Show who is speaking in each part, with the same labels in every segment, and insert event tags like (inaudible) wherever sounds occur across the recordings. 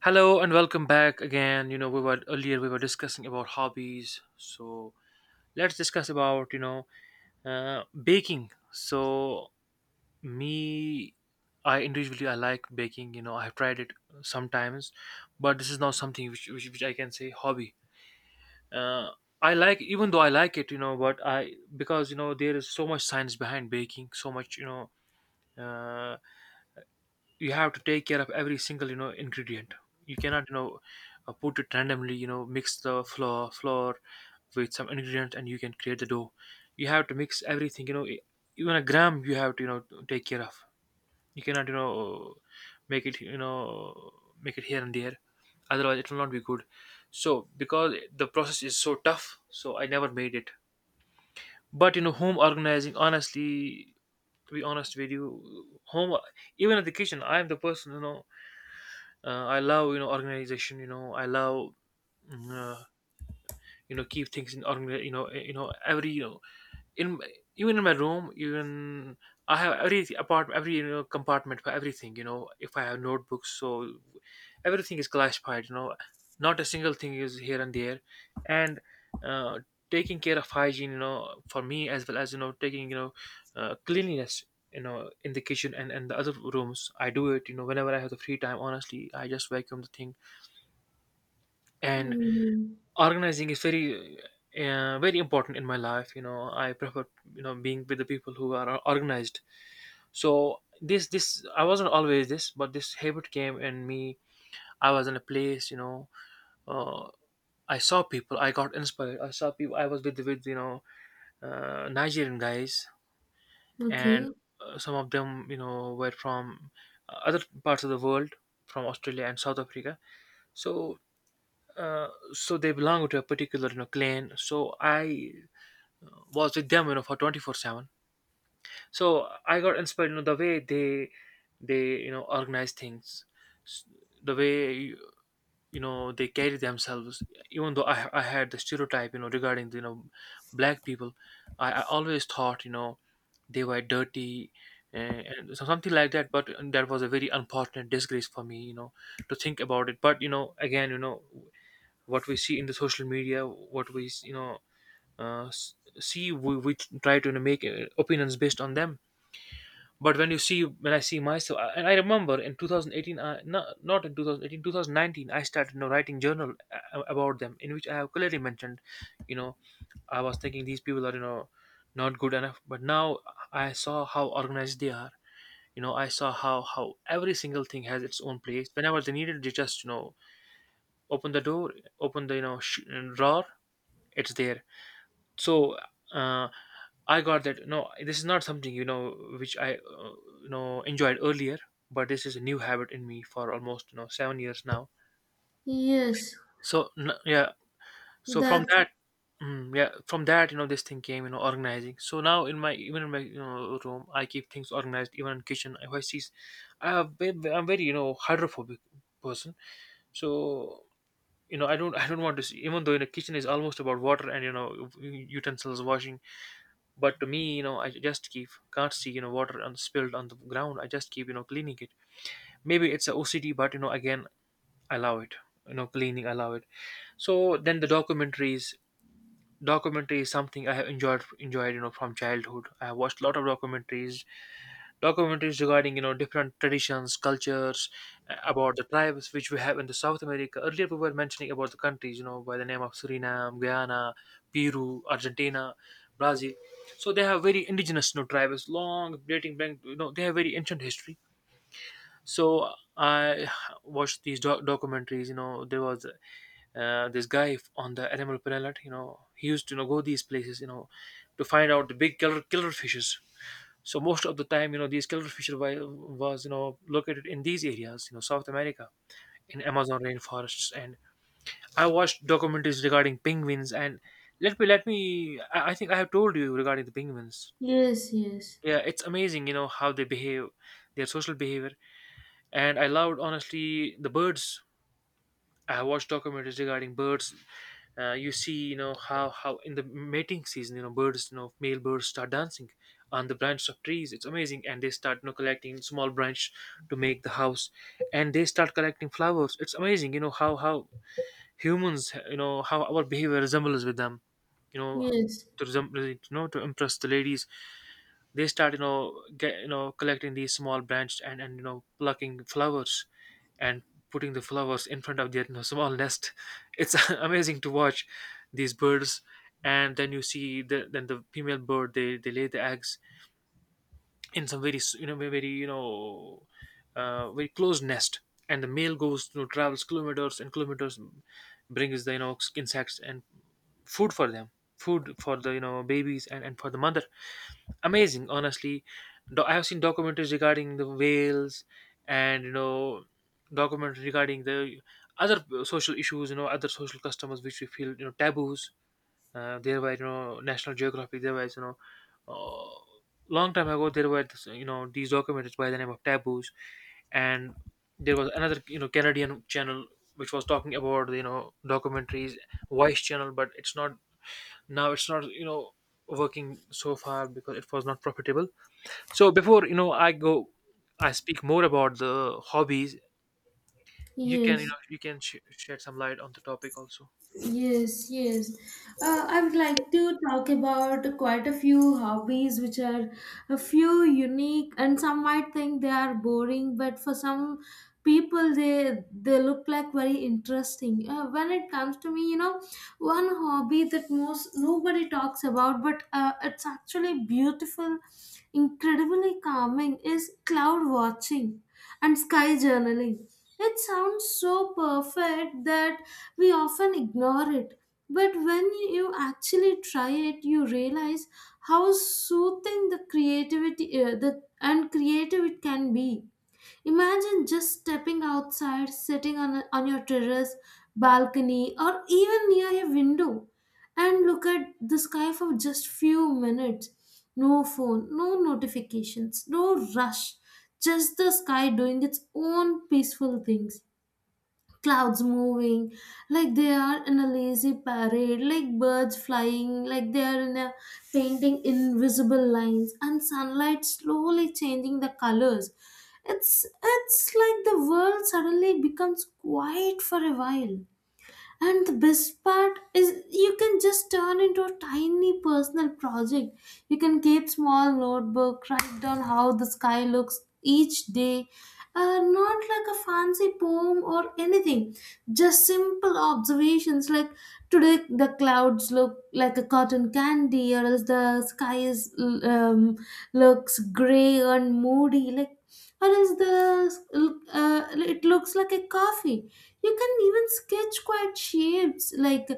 Speaker 1: Hello and welcome back again. You know, we were earlier we were discussing about hobbies, so let's discuss about uh, baking. So me, I individually I like baking. You know, I have tried it sometimes, but this is not something which I can say hobby. Uh, I like even though I like it, you know, but I because you know there is so much science behind baking, so much you know. Uh, you have to take care of every single you know ingredient you cannot put it randomly you know mix the flour with some ingredients and you can create the dough. You have to mix everything you know even a gram you have to you know take care of. You cannot you know make it you know make it here and there, otherwise it will not be good. So because the process is so tough, so I never made it. But you know, home organizing, honestly, to be honest with you, home, even at the kitchen, I am the person you know, I love you know organization, you know, I love mm, uh, you know keep things in organ you know you know every you know in, even in my room, even I have every apartment, every you know compartment for everything, you know, if I have notebooks. So everything is classified you know, not a single thing is here and there. And uh, taking care of hygiene you know for me as well as you know taking you know cleanliness you know in the kitchen and the other rooms, I do it you know whenever I have the free time. Honestly, I just vacuum the thing. And
Speaker 2: Mm,
Speaker 1: organizing is very very important in my life. You know, I prefer you know being with the people who are organized. So this I wasn't always this, but this habit came in me. I was in a place you know, uh, I saw people, I got inspired, I saw people I was with you know Nigerian guys. And
Speaker 2: okay.
Speaker 1: some of them you know were from other parts of the world, from Australia and South Africa. So uh, so they belong to a particular you know clan. So I was with them you know for 24/7. So I got inspired you know the way they you know organize things, s- the way you know they carry themselves. Even though I had the stereotype you know regarding you know black people, I always thought you know they were dirty and something like that. But that was a very unfortunate disgrace for me you know to think about it. But you know again you know, what we see in the social media, what we you know see, we try to you know make opinions based on them. But when you see, when I see myself, and I remember in 2018, not in 2018, 2019, I started you know writing journal about them, in which I have clearly mentioned, you know, I was thinking these people are you know not good enough. But now I saw how organized they are. You know, I saw how every single thing has its own place. Whenever they needed, they just you know open the door, open the you know drawer, it's there. So uh, I got that. No, this is not something you know which I you know enjoyed earlier, but this is a new habit in me for almost you know 7 years now.
Speaker 2: Yes.
Speaker 1: So yeah, so from
Speaker 2: That.
Speaker 1: that, yeah, from that you know this thing came you know organizing. So now in my, even in my you know room, I keep things organized. Even in kitchen, if I see, I have I'm very you know hydrophobic person. So you know I don't want to see, even though in the kitchen is almost about water and you know utensils washing. But to me, you know, I just keep can't see, you know, water on spilled on the ground. I just keep, you know, cleaning it. Maybe it's a OCD, but you know, again, I allow it. You know, cleaning, I allow it. So then the documentaries, documentary is something I have enjoyed, you know, from childhood. I have watched a lot of documentaries regarding you know different traditions, cultures, about the tribes which we have in the South America. Earlier we were mentioning about the countries, you know, by the name of Suriname, Guyana, Peru, Argentina, Brazil. So they have very indigenous you know tribes, long dating back. You know, they have very ancient history. So I watched these documentaries. You know, there was this guy on the Animal Planet. You know, he used to you know go these places, you know, to find out the big killer fishes. So most of the time, you know, these killer fish was you know located in these areas, you know, South America, in Amazon rainforests. And I watched documentaries regarding penguins. And let me let me. I think I have told you regarding the penguins.
Speaker 2: Yes. Yes.
Speaker 1: Yeah, it's amazing. You know how they behave, their social behavior. And I loved honestly the birds. I have watched documentaries regarding birds. You see, you know how in the mating season, you know birds, you know male birds start dancing on the branches of trees. It's amazing, and they start you know collecting small branch to make the house, and they start collecting flowers. It's amazing, you know how humans, you know how our behavior resembles with them, you know
Speaker 2: Yes.
Speaker 1: to resemble, you know to impress the ladies, they start you know get you know collecting these small branches and you know plucking flowers and putting the flowers in front of their, you know, small nest (laughs) it's (laughs) amazing to watch these birds. And then you see the, then the female bird, they lay the eggs in some very you know very you know very close nest. And the male goes you know travels kilometers and kilometers, brings the you know insects and food for them, food for the you know babies and for the mother. Amazing honestly. I have seen documentaries regarding the whales, and you know documentaries regarding the other social issues, you know, other social customs which we feel you know taboos. Uh, there were you know National Geographic, there was you know uh, long time ago, there were this, you know, these documentaries by the name of Taboos. And there was another you know Canadian channel which was talking about you know documentaries, voice channel. But it's not, now it's not you know working so far because it was not profitable. So before you know, I go, I speak more about the hobbies. You can you
Speaker 2: Yes.
Speaker 1: know you can shed some light on the topic also.
Speaker 2: Yes, yes. I would like to talk about quite a few hobbies which are a few unique and some might think they are boring, but for some people they look like very interesting. When it comes to me, you know, one hobby that most nobody talks about, but it's actually beautiful, incredibly calming is cloud watching and sky journaling. It sounds so perfect that we often ignore it. But when you actually try it, you realize how soothing the creativity, and creative it can be. Imagine just stepping outside, sitting on, on your terrace, balcony, or even near a window and look at the sky for just few minutes. No phone, no notifications, no rush, just the sky doing its own peaceful things, clouds moving like they are in a lazy parade, like birds flying like they are in a painting, invisible lines, and sunlight slowly changing the colors. It's like the world suddenly becomes quiet for a while, and the best part is you can just turn into a tiny personal project. You can keep small notebook, write down how the sky looks each day. Not like a fancy poem or anything, just simple observations like, today the clouds look like a cotton candy, or else the sky is um, looks gray and moody, like, or else the it looks like a coffee. You can even sketch quiet shapes, like,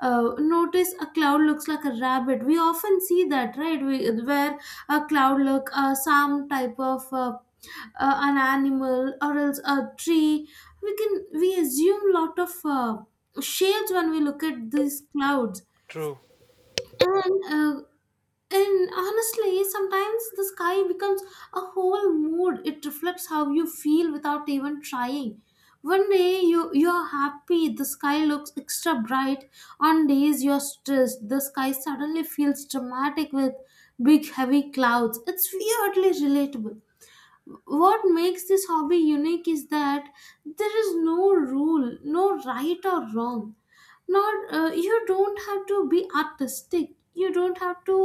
Speaker 2: notice a cloud looks like a rabbit. We often see that, right? We, where a cloud look some type of an animal or else a tree. We can we assume lot of shapes when we look at these clouds.
Speaker 1: True.
Speaker 2: And uh, and honestly, sometimes the sky becomes a whole mood. It reflects how you feel without even trying. One day you're happy, the sky looks extra bright. On days you're stressed, the sky suddenly feels dramatic with big heavy clouds. It's weirdly relatable. What makes this hobby unique is that there is no rule, no right or wrong, not you don't have to be artistic, you don't have to,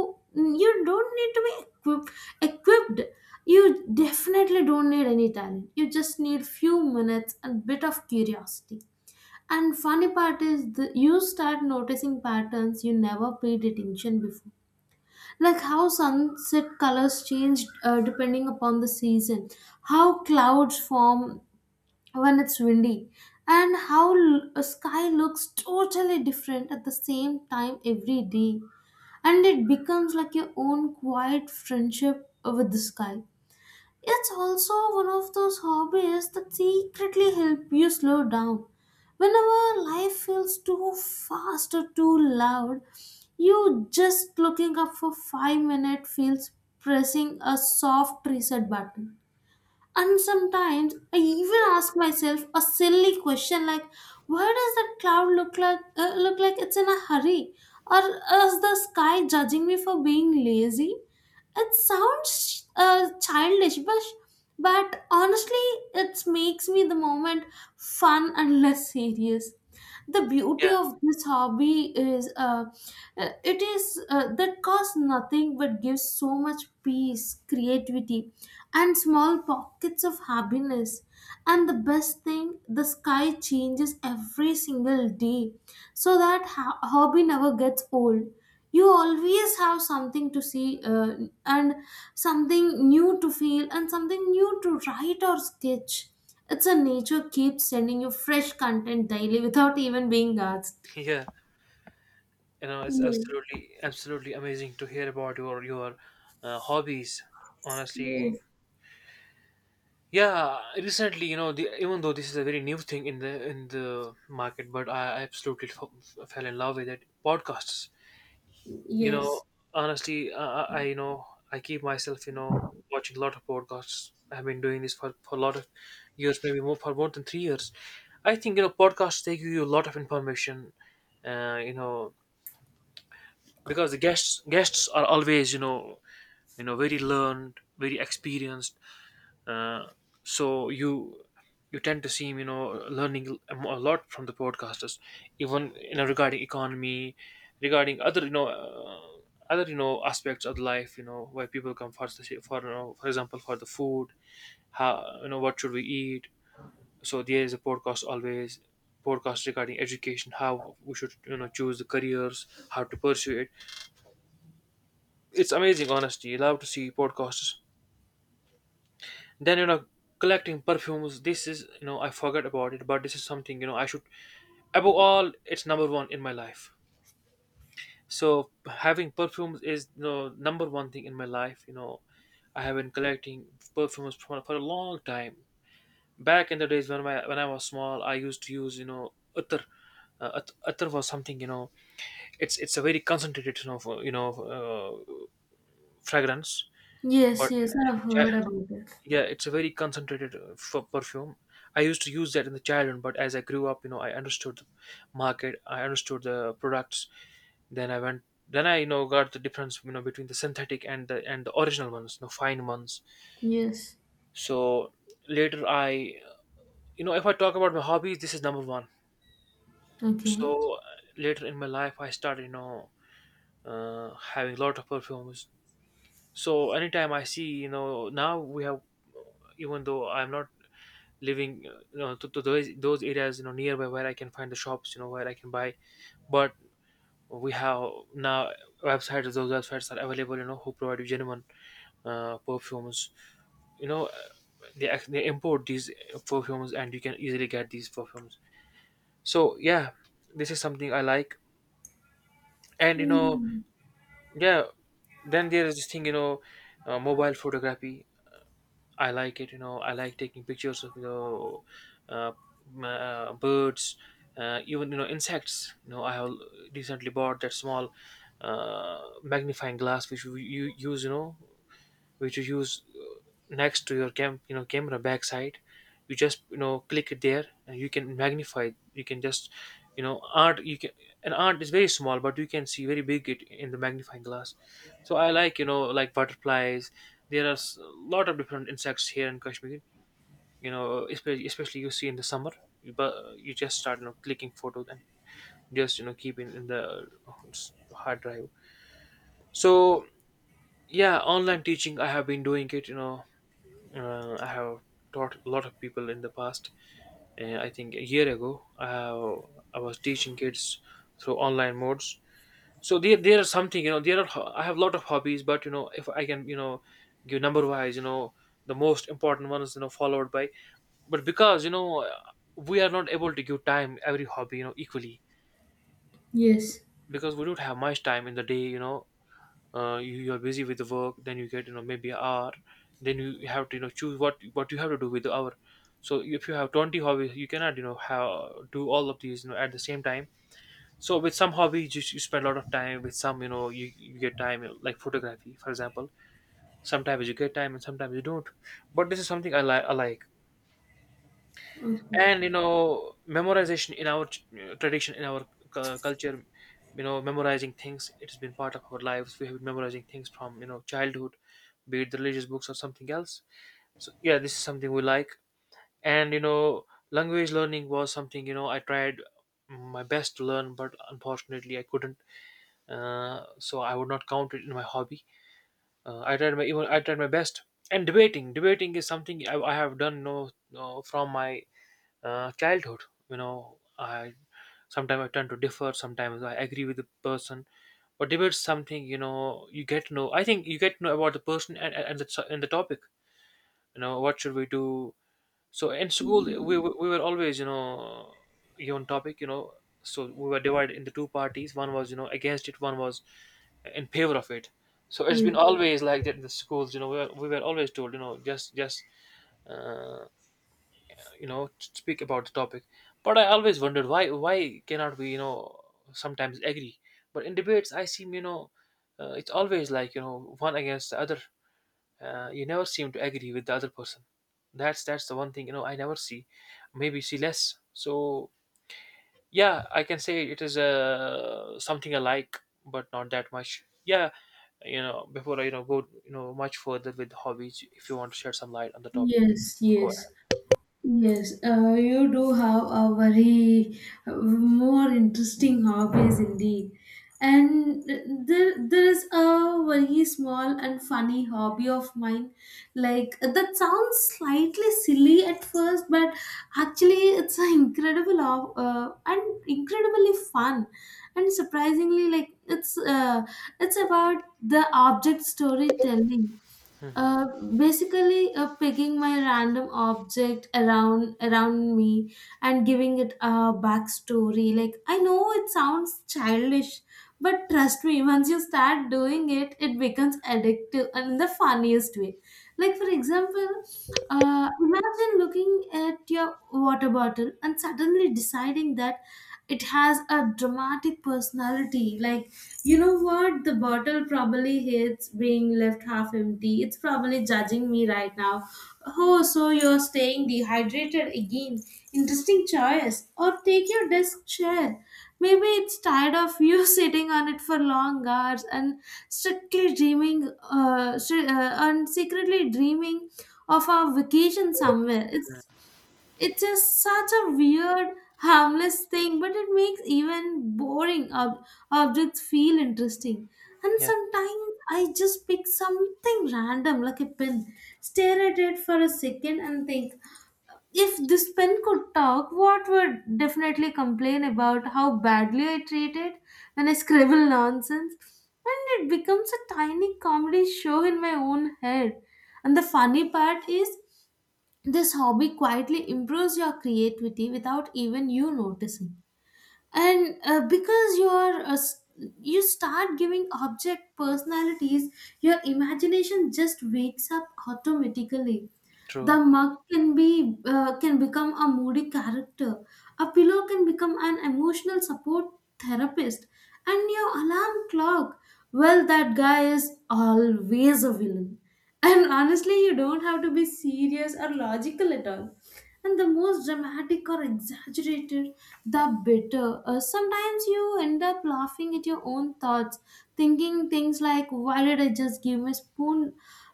Speaker 2: you don't need to be equipped. You definitely don't need any talent. You just need few minutes and bit of curiosity. And funny part is, you start noticing patterns you never paid attention before, like how sunset colors change depending upon the season, how clouds form when it's windy, and how a sky looks totally different at the same time every day, and it becomes like your own quiet friendship with the sky. It's also one of those hobbies that secretly help you slow down. Whenever life feels too fast or too loud, you just looking up for 5 minutes feels pressing a soft reset button. And sometimes I even ask myself a silly question like, why does that cloud look like, look like it's in a hurry? Or is the sky judging me for being lazy? It sounds childish, but honestly, it makes me the moment fun and less serious. The beauty
Speaker 1: Yeah,
Speaker 2: of this hobby is, it is, that costs nothing but gives so much peace, creativity, and small pockets of happiness. And the best thing, the sky changes every single day, so that hobby never gets old. You always have something to see, and something new to feel and something new to write or sketch. It's a nature keeps sending you fresh content daily without even being asked.
Speaker 1: yeah. You know, it's
Speaker 2: Yes.
Speaker 1: absolutely absolutely amazing to hear about your hobbies. Honestly,
Speaker 2: Yes.
Speaker 1: yeah. Recently, you know, the, even though this is a very new thing in the market, but I absolutely fell in love with it. Podcasts. You know,
Speaker 2: Yes.
Speaker 1: honestly, I I keep myself you know watching a lot of podcasts. I've been doing this for a lot of years, maybe more, for more than 3 years. I think you know podcasts they give you a lot of information. You know, because the guests are always you know, you know, very learned, very experienced. uh, so you tend to see him, you know, learning a a lot from the podcasters, even you know regarding economy, regarding other you know aspects of life. You know why people come for the for you know, for example for the food, how you know what should we eat. So there is a podcast always, podcast regarding education, how we should you know choose the careers, how to pursue it. It's amazing, honestly. You love to see podcasters. Then you know collecting perfumes, this is you know I forgot about it, but this is something you know I should. Above all, it's number one in my life. So having perfumes is you know number one thing in my life. You know, I have been collecting perfumes for a long time. Back in the days when my when I was small, I used to use you know utter, atar was something you know. It's a very concentrated you know you know fragrance.
Speaker 2: Yes.
Speaker 1: But
Speaker 2: Yes. I've heard about it.
Speaker 1: yeah, it's a very concentrated perfume. I used to use that in the childhood, but as I grew up, I understood the market, I understood the products. Then I went, then I got the difference, between the synthetic and the original ones, fine ones.
Speaker 2: Yes.
Speaker 1: So later, if I talk about my hobbies, this is number one.
Speaker 2: Okay.
Speaker 1: So later in my life, I started, having a lot of perfumes. So anytime I see, now we have, even though I'm not living, to those areas, nearby, where I can find the shops, where I can buy. But we have now websites. Those websites are available, who provide you genuine perfumes. you know uh, they they import these perfumes, and you can easily get these perfumes. So yeah, this is something I like. And
Speaker 2: Mm.
Speaker 1: yeah. Then there is this thing, mobile photography. I like it. I like taking pictures of, uh, birds, even, insects. I have recently bought that small magnifying glass, which we you use, which you use next to your camera backside. You just, click it there, and you can magnify it. You can just, art, you can, an art is very small, but you can see very big it in the magnifying glass. So I like, like butterflies. There are a lot of different insects here in Kashmir, especially you see in the summer. But you just start, clicking photos, and just, keep in the hard drive. So yeah, online teaching, I have been doing it, I have taught a lot of people in the past. I think a year ago, I was teaching kids through online modes. So there are something, you know. There are I have a lot of hobbies, but, if I can, give number wise, the most important one is, followed by. But because, we are not able to give time every hobby, equally.
Speaker 2: Yes.
Speaker 1: Because we don't have much time in the day, you're busy with the work, then you get, maybe an hour. Then you have to, choose what you have to do with the hour. So if you have 20 hobbies, you cannot, do all of these, at the same time. So with some hobbies, you spend a lot of time, with some, you get time, like photography for example. Sometimes you get time, and sometimes you don't. But this is something I like. And memorization in our tradition, in our culture, memorizing things, it has been part of our lives. We have been memorizing things from, childhood, be it the religious books or something else. So yeah, this is something we like. And language learning was something, I tried my best to learn, but unfortunately I couldn't. So I would not count it in my hobby. I tried my best. And debating is something I have done, from my childhood. You know, I sometimes I tend to differ, sometimes I agree with the person, but debate's something, you get to know. I think you get to know about the person, and and the topic. What should we do? So in school,
Speaker 2: Mm.
Speaker 1: we were always, given topic. So we were divided into two parties. One was, against it, one was in favor of it. So it's been
Speaker 2: Yes.
Speaker 1: always like that in the schools. We were always told, just uh, speak about the topic. But I always wondered, why cannot we, sometimes agree. But in debates, I seem, it's always like, one against the other. You never seem to agree with the other person. That's the one thing, I never see, maybe see less. So yeah, I can say it is, something I like, but not that much. Yeah. Before I, go, much further with hobbies, if you want to shed some light on the topic,
Speaker 2: Yes,
Speaker 1: go
Speaker 2: yes,
Speaker 1: ahead.
Speaker 2: yes. You do have a very more interesting hobbies indeed. And there is a very small and funny hobby of mine. Like that sounds slightly silly at first, but actually it's an incredible and incredibly fun, and surprisingly, like it's about the object storytelling. Uh,
Speaker 1: Hmm.
Speaker 2: basically, picking my random object around me and giving it a backstory. Like I know it sounds childish, but trust me, once you start doing it, it becomes addictive and in the funniest way. Like for example, imagine looking at your water bottle and suddenly deciding that it has a dramatic personality. Like you know what? The bottle probably hates being left half empty. It's probably judging me right now. Oh, so you're staying dehydrated again. Interesting choice. Or take your desk chair. Maybe it's tired of you (laughs) sitting on it for long hours and and secretly dreaming of a vacation somewhere. It's just such a weird, harmless thing, but it makes even boring objects feel interesting. And
Speaker 1: Yeah.
Speaker 2: sometimes I just pick something random, like a pen, stare at it for a second, and think, if this pen could talk, what would definitely complain about how badly I treat it when I scribble nonsense? And it becomes a tiny comedy show in my own head. And the funny part is, this hobby quietly improves your creativity without even you noticing. And because you start giving object personalities, your imagination just wakes up automatically. The
Speaker 1: True.
Speaker 2: mug can be, can become a moody character. A pillow can become an emotional support therapist, and your alarm clock. Well, that guy is always a villain. And honestly, you don't have to be serious or logical at all. And the most dramatic or exaggerated, the better. Sometimes you end up laughing at your own thoughts, thinking things like, "Why did I just give my spoon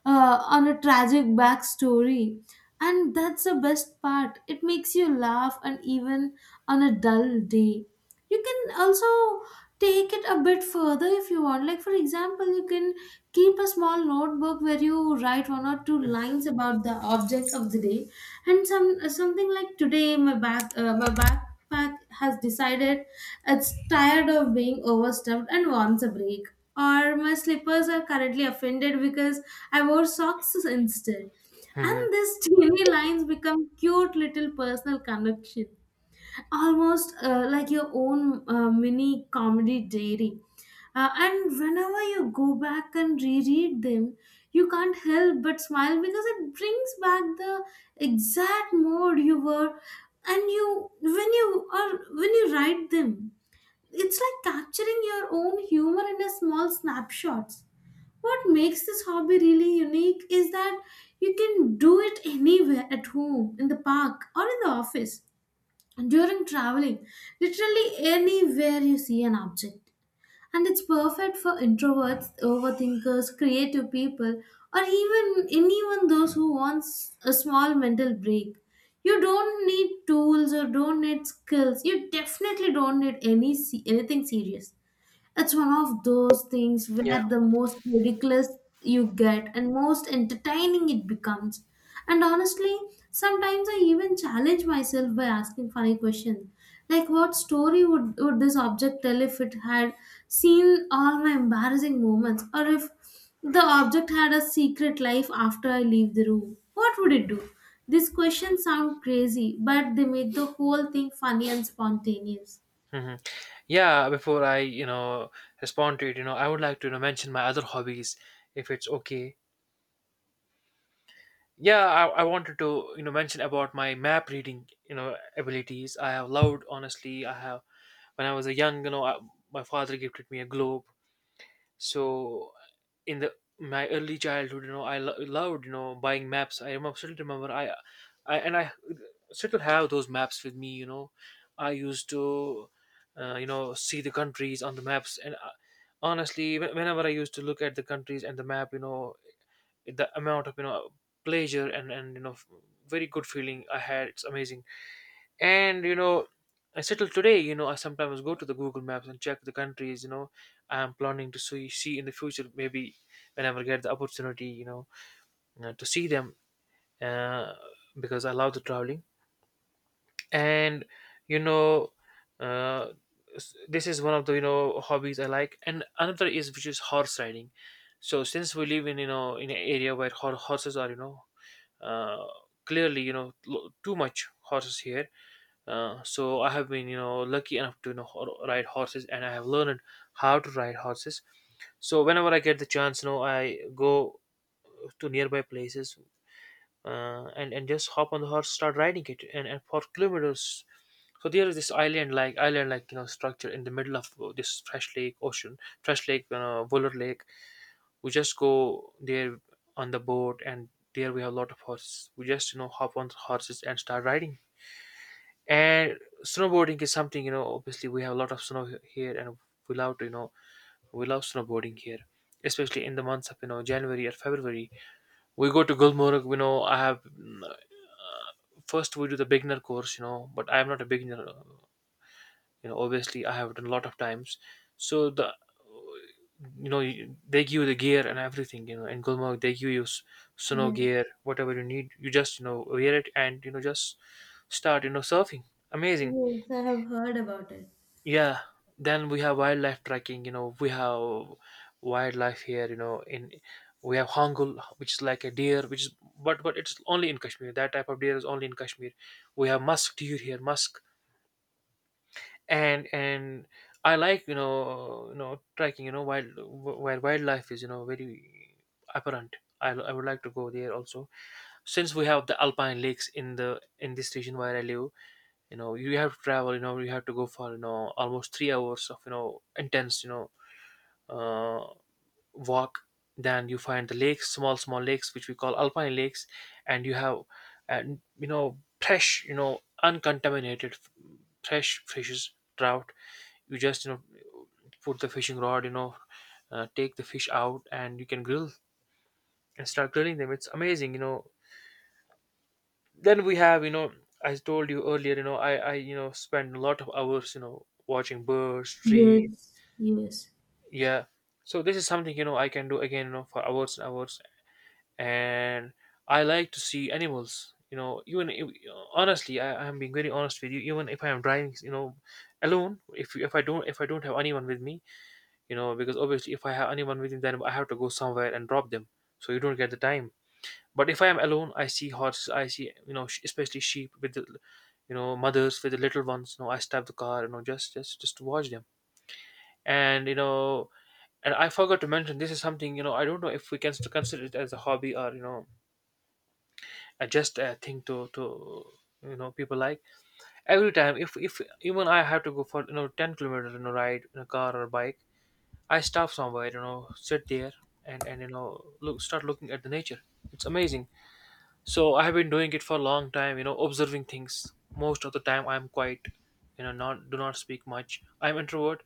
Speaker 2: on a tragic backstory?" And that's the best part. It makes you laugh and even on a dull day. You can also take it a bit further if you want. Like, for example, you can keep a small notebook where you write one or two lines about the object of the day. And something like, today my back my backpack has decided it's tired of being overstuffed and wants a break, or my slippers are currently offended because I wore socks instead.
Speaker 1: Hmm.
Speaker 2: And these teeny lines become cute little personal connection, almost like your own mini comedy diary. And whenever you go back and reread them, you can't help but smile because it brings back the exact mood you were, and you when you are when you write them, it's like capturing your own humor in a small snapshots. What makes this hobby really unique is that you can do it anywhere at home, in the park, or in the office, during traveling, literally anywhere you see an object. And it's perfect for introverts, overthinkers, creative people, or even anyone those who wants a small mental break. You don't need tools or don't need skills. You definitely don't need any anything serious. It's one of those things
Speaker 1: Yeah.
Speaker 2: where the most ridiculous you get and most entertaining it becomes. And honestly, sometimes I even challenge myself by asking funny questions. Like, what story would this object tell if it had seen all my embarrassing moments? Or if the object had a secret life after I leave the room? What would it do? These questions sound crazy, but they make the whole thing funny and spontaneous.
Speaker 1: Hmm. Yeah. Before I, respond to it, I would like to, mention my other hobbies, if it's okay. Yeah, I wanted to, mention about my map reading, abilities. I have loved, honestly. I have When I was a young, my father gifted me a globe, so in the my early childhood, loved, buying maps. I remember, still remember, I still have those maps with me, I used to, see the countries on the maps, and, honestly, whenever I used to look at the countries and the map, the amount of, pleasure and very good feeling I had, it's amazing. And, I settle today, I sometimes go to the Google Maps and check the countries, I'm planning to see in the future, maybe whenever I get the opportunity, to see them, uh, because I love the traveling. And, you know uh, this is one of the, hobbies I like, and another is, which is horse riding. So since we live in, in an area where horses are, uh, clearly, too much horses here. So I have been, lucky enough to, ride horses, and I have learned how to ride horses. So whenever I get the chance, I go to nearby places, and just hop on the horse, start riding it, and for kilometers. So there is this island like, structure in the middle of this fresh lake ocean, fresh lake, Buller Lake. We just go there on the boat, and there we have a lot of horses. We just, hop on the horses and start riding. And snowboarding is something, obviously we have a lot of snow here, and we love to, you know, we love snowboarding here, especially in the months of, January or February. We go to Gulmarg. First we do the beginner course, but I am not a beginner. Obviously, I have done a lot of times. So they give you the gear and everything, in Gulmarg they give you snow
Speaker 2: Yes.
Speaker 1: gear, whatever you need. You just, wear it and, just start, surfing. Amazing.
Speaker 2: Yes, I have heard about it.
Speaker 1: Yeah, then we have wildlife trekking. We have wildlife here, you know in we have hongul, which is like a deer, which is— but it's only in Kashmir, that type of deer is only in Kashmir. We have musk deer here, musk, and I like, trekking, wild, where wildlife is, very apparent. I would like to go there also, since we have the alpine lakes in the in this region where I live. You have to travel, you have to go for, almost 3 hours of, intense, uh, walk. Then you find the lakes, small lakes which we call alpine lakes. And you have and fresh, uncontaminated, fresh fishes, trout. You just, put the fishing rod, take the fish out, and you can grill and start grilling them. It's amazing, then we have, I told you earlier, I spend a lot of hours, watching birds, trees.
Speaker 2: Yes, yes.
Speaker 1: Yeah, so this is something, I can do again, for hours and hours. And I like to see animals, even if, honestly, I'm being very honest with you, even if I am driving, alone, if I don't have anyone with me, because obviously, if I have anyone with me, then I have to go somewhere and drop them So you don't get the time. But if I am alone, I see horses. I see, especially sheep with the mothers with the little ones. I stop the car. Just to watch them. And you know, and I forgot to mention, this is something. I don't know if we can still consider it as a hobby or just a thing to people like. Every time, if even I have to go for 10 kilometers ride in a car or a bike, I stop somewhere, sit there, and look start looking at the nature. It's amazing. So I have been doing it for a long time, observing things. Most of the time I'm quite, not do not speak much. I'm introvert,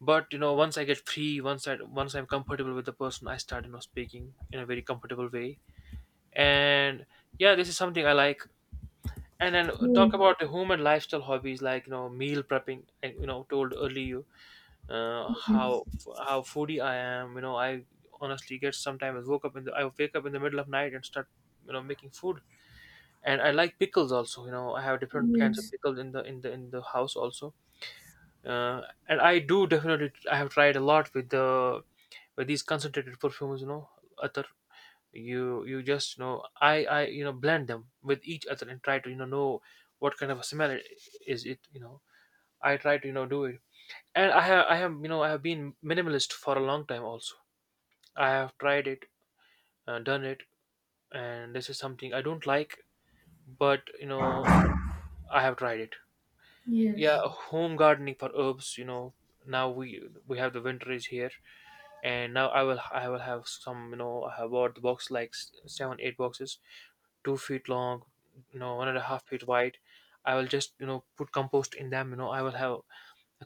Speaker 1: but once I get free, once I'm comfortable with the person, I start, speaking in a very comfortable way. And yeah, this is something I like. And then
Speaker 2: Yes,
Speaker 1: talk about the home and lifestyle hobbies, like meal prepping. I told earlier, you uh,
Speaker 2: yes,
Speaker 1: how how foodie I am. I honestly get sometimes woke up in the I wake up in the middle of night and start making food. And I like pickles also. I have different kinds of pickles in the house also. Uh, and I do definitely I have tried a lot with the with these concentrated perfumes. Other you just I blend them with each other and try to know what kind of a smell is it. I try to do it. And I have been minimalist for a long time also. I have tried it, done it, and this is something I don't like, but I have tried it. Yeah.
Speaker 2: yes,
Speaker 1: Home gardening for herbs, now we have, the winter is here. And now I will have some, I have bought the box like 7 8 boxes, 2 feet long, 1.5 feet wide. I will just put compost in them. I will have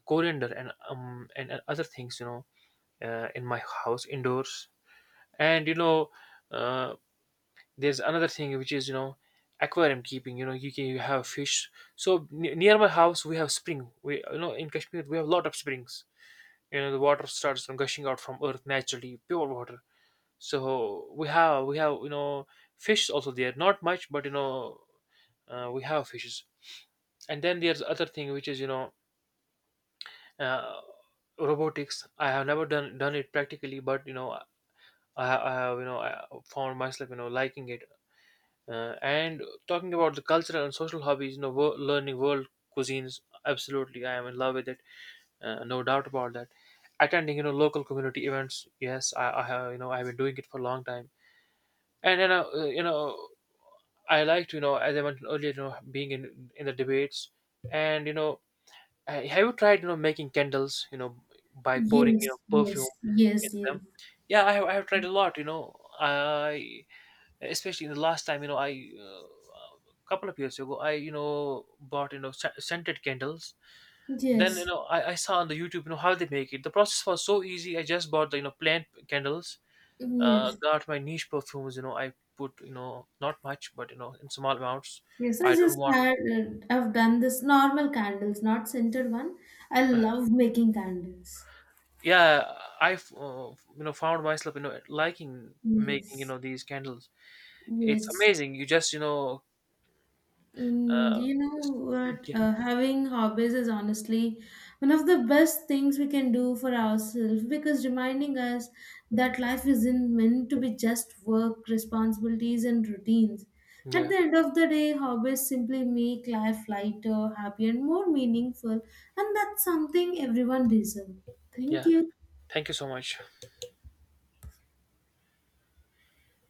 Speaker 1: coriander and and other things, in my house indoors. And uh, there's another thing which is, aquarium keeping. You have fish. So near my house we have spring. We In Kashmir we have a lot of springs. The water starts from gushing out from earth, naturally pure water. So we have fish also there, not much, but we have fishes. And then there's other thing which is, uh, robotics. I have never done it practically, but I have, I found myself liking it. And talking about the cultural and social hobbies, learning world cuisines, absolutely, I am in love with it. No doubt about that. Attending, local community events, yes, I have, I've been doing it for a long time. And you know, I liked, as I mentioned earlier, being in the debates, and have you tried, making candles, by pouring,
Speaker 2: yes, yes,
Speaker 1: perfume
Speaker 2: yes,
Speaker 1: in
Speaker 2: yes, yes.
Speaker 1: them? Yeah, I have tried a lot, I, especially in the last time, I uh, a couple of years ago, I bought scented candles. Then
Speaker 2: Yes,
Speaker 1: I saw on the YouTube, how they make it. The process was so easy. I just bought the, plant candles.
Speaker 2: yes.
Speaker 1: Got my niche perfumes, I put, not much, but in small amounts.
Speaker 2: Yes, I
Speaker 1: I don't
Speaker 2: just
Speaker 1: want.
Speaker 2: had, I've done this normal candles, not scented one. I love making candles.
Speaker 1: Yeah, I've found myself liking making
Speaker 2: Yes,
Speaker 1: these candles. It's
Speaker 2: yes.
Speaker 1: amazing.
Speaker 2: Mm,
Speaker 1: Uh,
Speaker 2: you know what?
Speaker 1: yeah,
Speaker 2: Having hobbies is honestly one of the best things we can do for ourselves because reminding us that life isn't meant to be just work, responsibilities, and routines. At
Speaker 1: yeah,
Speaker 2: the end of the day, hobbies simply make life lighter, happier, and more meaningful, and that's something everyone deserves.
Speaker 1: yeah.
Speaker 2: Thank you.
Speaker 1: Thank you so much.